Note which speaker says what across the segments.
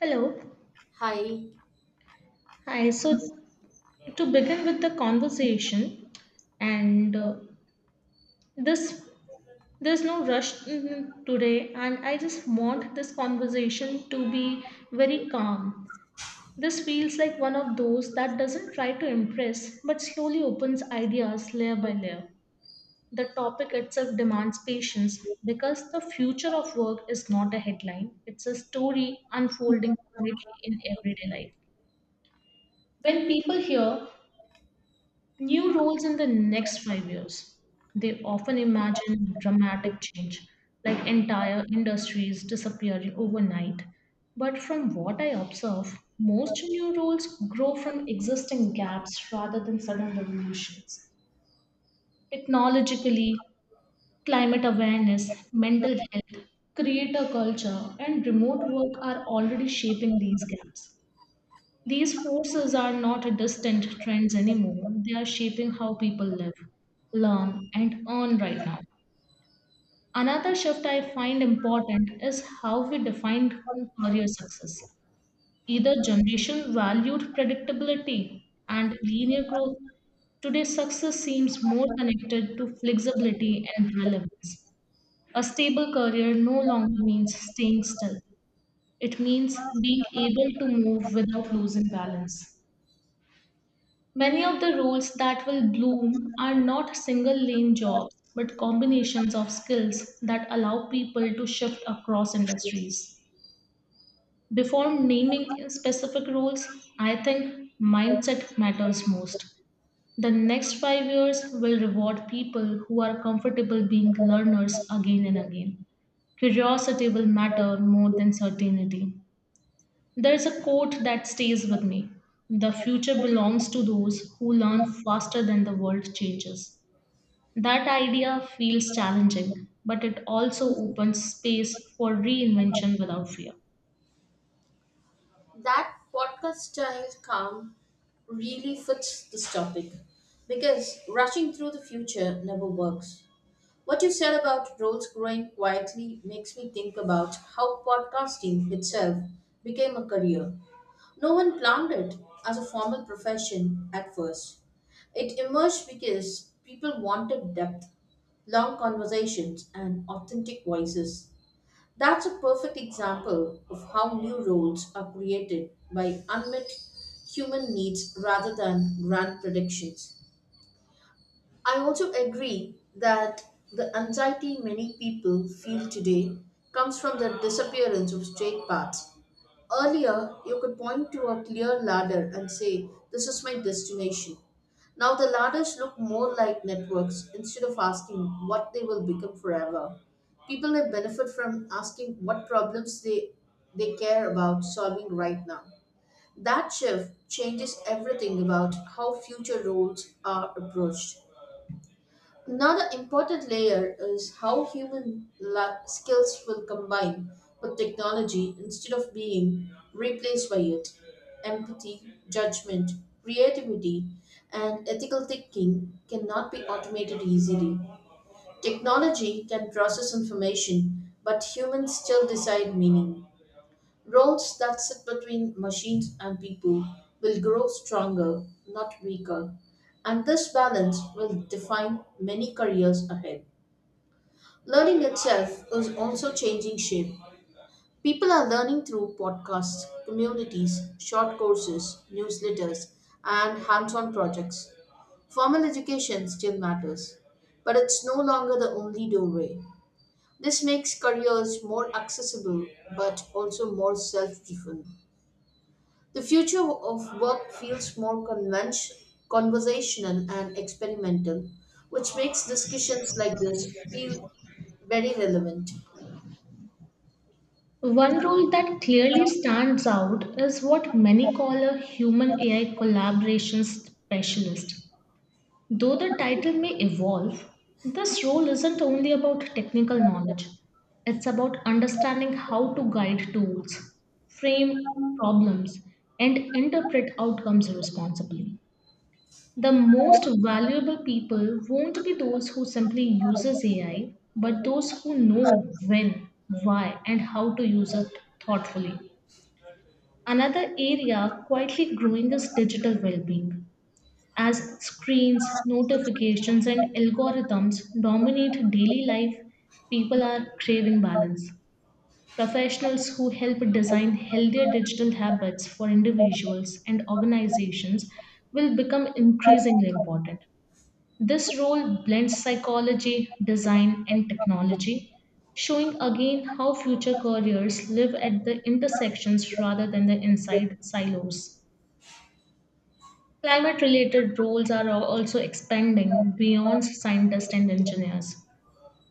Speaker 1: Hello.
Speaker 2: Hi,
Speaker 1: Hi. So to begin with the conversation, and this there's no rush today, and I just want this conversation to be very calm. This feels like one of those that doesn't try to impress but slowly opens ideas layer by layer. The topic itself demands patience because the future of work is not a headline, it's a story unfolding quietly in everyday life. When people hear new roles in the next 5 years. They often imagine dramatic change, like entire industries disappearing overnight. But from what I observe, most new roles grow from existing gaps rather than sudden revolutions. Technologically, climate awareness, mental health, creator culture, and remote work are already shaping these gaps. These forces are not distant trends anymore. They are shaping how people live, learn, and earn right now. Another shift I find important is how we defined career success. Either generation valued predictability and linear growth. Today, success seems more connected to flexibility and relevance. A stable career no longer means staying still, it means being able to move without losing balance. Many of the roles that will bloom are not single lane jobs, but combinations of skills that allow people to shift across industries. Before naming specific roles, I think mindset matters most. The next 5 years will reward people who are comfortable being learners again and again. Curiosity will matter more than certainty. There's a quote that stays with me: the future belongs to those who learn faster than the world changes. That idea feels challenging, but it also opens space for reinvention without fear.
Speaker 2: that podcast style calm really fits this topic because rushing through the future never works. What you said about roles growing quietly makes me think about how podcasting itself became a career. No one planned it as a formal profession at first. It emerged because people wanted depth, long conversations, and authentic voices. That's a perfect example of how new roles are created by unmet human needs rather than grand predictions. I also agree that the anxiety many people feel today comes from the disappearance of straight paths. Earlier, you could point to a clear ladder and say, this is my destination. Now, the ladders look more like networks instead of asking what they will become forever. People may benefit from asking what problems they care about solving right now. That shift changes everything about how future roles are approached. Another important layer is how skills will combine with technology instead of being replaced by it. Empathy, judgment, creativity, and ethical thinking cannot be automated easily. Technology can process information, but humans still decide meaning. Roles that sit between machines and people will grow stronger, not weaker, and this balance will define many careers ahead. Learning itself is also changing shape. People are learning through podcasts, communities, short courses, newsletters, and hands on projects. Formal education still matters, but it's no longer the only doorway. This makes careers more accessible but also more self driven. The future of work feels more conversational and experimental, which makes discussions like this feel very relevant.
Speaker 1: One role that clearly stands out is what many call a human AI collaboration specialist. Though the title may evolve, this role isn't only about technical knowledge. It's about understanding how to guide tools, frame problems, and interpret outcomes responsibly. The most valuable people won't be those who simply uses AI, but those who know when, why, and how to use it thoughtfully. Another area quietly growing is digital well-being as screens, notifications, and algorithms dominate daily life, people are craving balance. Professionals who help design healthier digital habits for individuals and organizations will become increasingly important. This role blends psychology, design, and technology, showing again how future careers live at the intersections rather than the inside silos. Climate related roles are also expanding beyond scientists and engineers.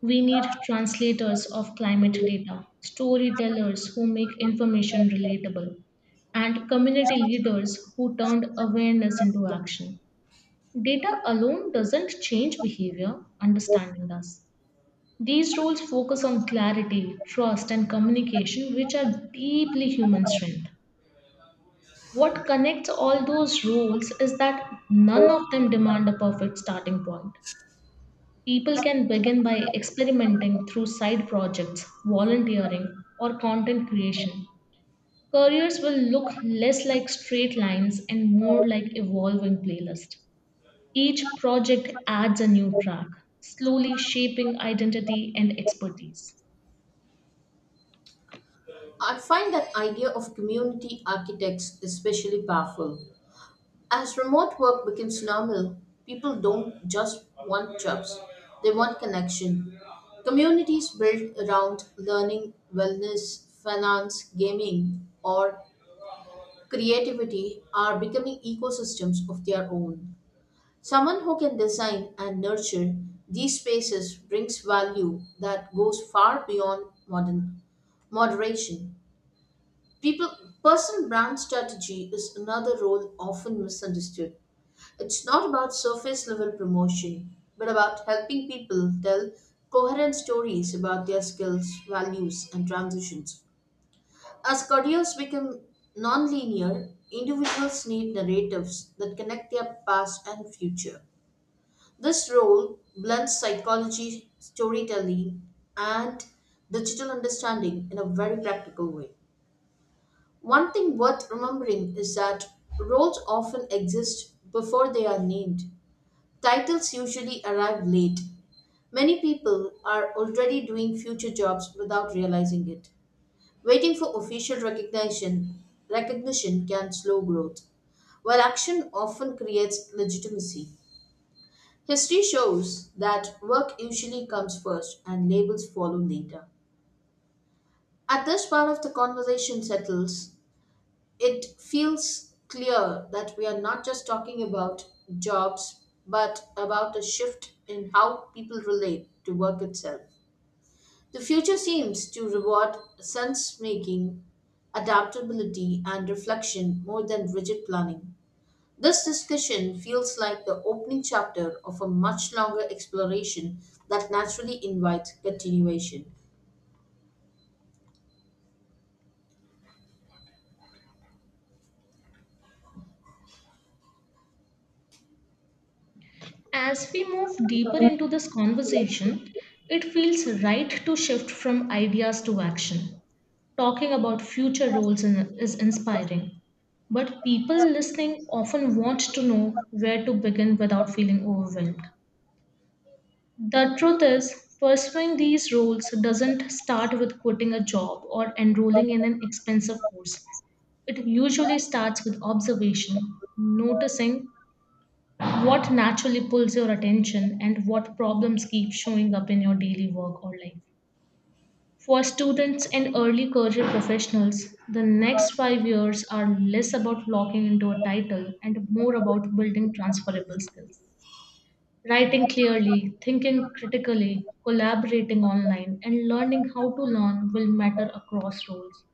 Speaker 1: We need translators of climate data, storytellers who make information relatable, and community leaders who turned awareness into action. Data alone doesn't change behavior, understanding does. These roles focus on clarity, trust, and communication, which are deeply human strength. What connects all those rules is that none of them demand a perfect starting point. People can begin by experimenting through side projects, volunteering, or content creation. Careers will look less like straight lines and more like evolving playlists. Each project adds a new track, slowly shaping identity and expertise.
Speaker 2: I find that idea of community architects especially powerful. As remote work becomes normal, people don't just want jobs, they want connection. Communities built around learning, wellness, finance, gaming, or creativity are becoming ecosystems of their own. Someone who can design and nurture these spaces brings value that goes far beyond modern moderation. People Personal brand strategy is another role often misunderstood. It's not about surface level promotion, but about helping people tell coherent stories about their skills, values, and transitions. As careers become non-linear, individuals need narratives that connect their past and future. This role blends psychology, storytelling, and digital understanding in a very practical way. One thing worth remembering is that roles often exist before they are named. Titles usually arrive late. Many people are already doing future jobs without realizing it. Waiting for official recognition can slow growth, while action often creates legitimacy. History shows that work usually comes first and labels follow later. At this part of the conversation settles, it feels clear that we are not just talking about jobs, but about a shift in how people relate to work itself. The future seems to reward sense making, adaptability, and reflection more than rigid planning. This discussion feels like the opening chapter of a much longer exploration that naturally invites continuation.
Speaker 1: As we move deeper into this conversation, it feels right to shift from ideas to action. Talking about future roles in, is inspiring, but people listening often want to know where to begin without feeling overwhelmed. The truth is, pursuing these roles doesn't start with quitting a job or enrolling in an expensive course. It usually starts with observation, noticing what naturally pulls your attention and what problems keep showing up in your daily work or life. For students and early career professionals, the next 5 years are less about locking into a title and more about building transferable skills. Writing clearly, thinking critically, collaborating online, and learning how to learn will matter across roles.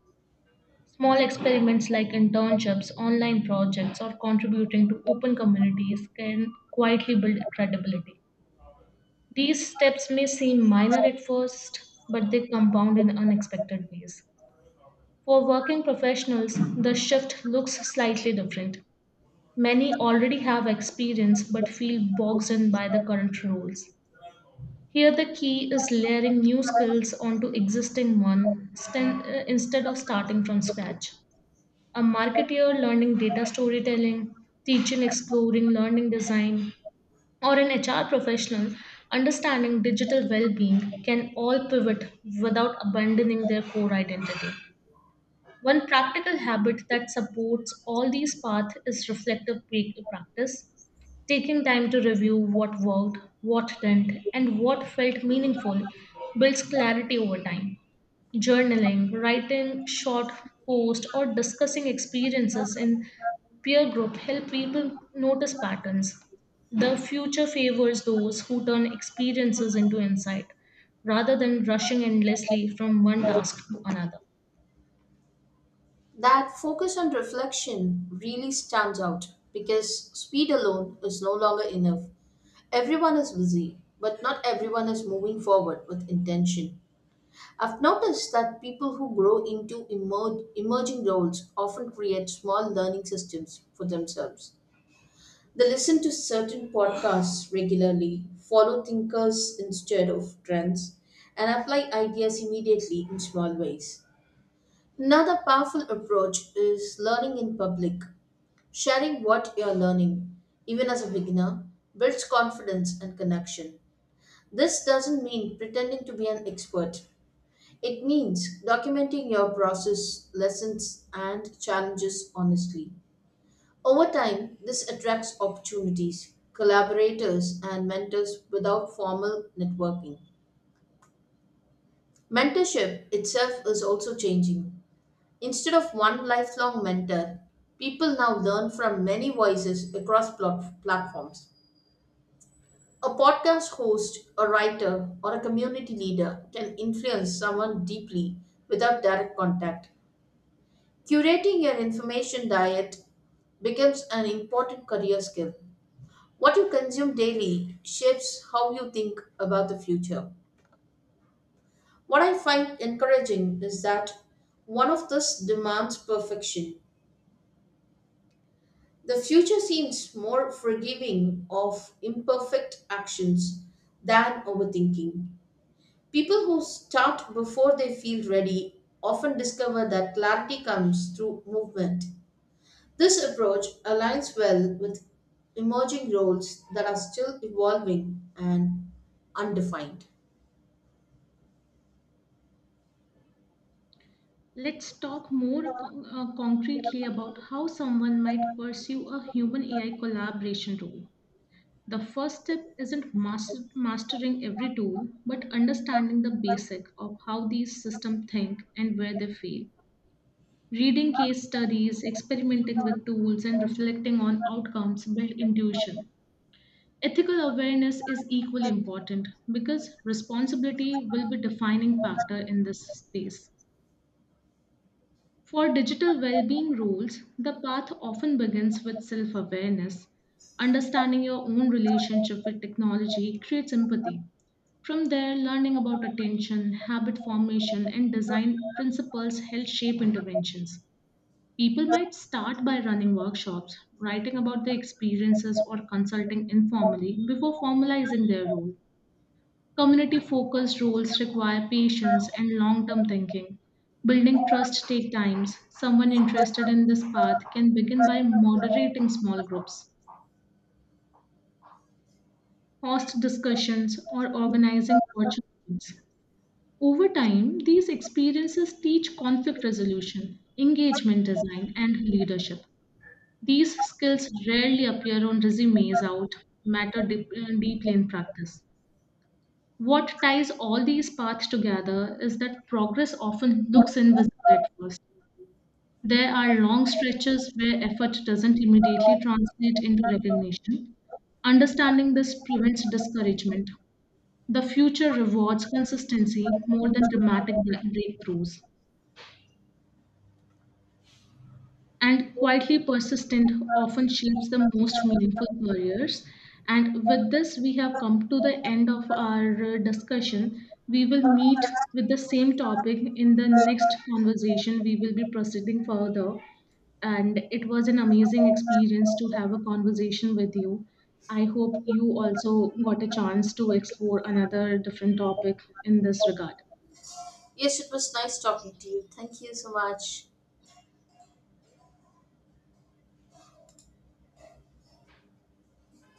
Speaker 1: Small experiments like internships, online projects, or contributing to open communities can quietly build credibility. These steps may seem minor at first, but they compound in unexpected ways. For working professionals, the shift looks slightly different. Many already have experience but feel bogged in by the current roles. Here, the key is layering new skills onto existing instead of starting from scratch. A marketeer learning data storytelling, teaching exploring learning design, or an HR professional understanding digital well being can all pivot without abandoning their core identity. One practical habit that supports all these paths is reflective practice, taking time to review what worked, what didn't, and what felt meaningful builds clarity over time. Journaling, writing short posts, or discussing experiences in peer group help people notice patterns. The future favors those who turn experiences into insight rather than rushing endlessly from one task to another.
Speaker 2: That focus on reflection really stands out because speed alone is no longer enough. Everyone is busy, but not everyone is moving forward with intention. I've noticed that people who grow into emerging roles often create small learning systems for themselves. They listen to certain podcasts regularly, follow thinkers instead of trends, and apply ideas immediately in small ways. Another powerful approach is learning in public. Sharing what you're learning, even as a beginner, builds confidence and connection. This doesn't mean pretending to be an expert. It means documenting your process, lessons, and challenges honestly. Over time, this attracts opportunities, collaborators, and mentors without formal networking. Mentorship itself is also changing. Instead of one lifelong mentor, people now learn from many voices across platforms. A podcast host, a writer, or a community leader can influence someone deeply without direct contact. Curating your information diet becomes an important career skill. What you consume daily shapes how you think about the future. What I find encouraging is that one of this demands perfection. The future seems more forgiving of imperfect actions than overthinking. People who start before they feel ready often discover that clarity comes through movement. This approach aligns well with emerging roles that are still evolving and undefined.
Speaker 1: Let's talk more concretely about how someone might pursue a human AI collaboration role. The first step isn't mastering every tool, but understanding the basic of how these systems think and where they fail. Reading case studies, experimenting with tools, and reflecting on outcomes build intuition. Ethical awareness is equally important because responsibility will be defining factor in this space. For digital well-being rules, the path often begins with self-awareness. Understanding your own relationship with technology creates empathy. From there, learning about attention, habit formation, and design principles help shape interventions. People might start by running workshops, writing about their experiences, or consulting informally before formalizing their role. Community focused roles require patience and long term thinking. Building trust takes time. Someone interested in this path can begin by moderating small groups, host discussions, or organizing virtual meetings. Over time, these experiences teach conflict resolution, engagement design, and leadership. These skills rarely appear on resumes out, matter deeply in practice. What ties all these paths together is that progress often looks invisible at first. There are long stretches where effort doesn't immediately translate into recognition. Understanding this prevents discouragement. The future rewards consistency more than dramatic breakthroughs. And quietly persistent often shapes the most meaningful careers. And with this, we have come to the end of our discussion. We will meet with the same topic in the next conversation. We will be proceeding further. And it was an amazing experience to have a conversation with you. I hope you also got a chance to explore another different topic in this regard.
Speaker 2: Yes, it was nice talking to you. Thank you so much.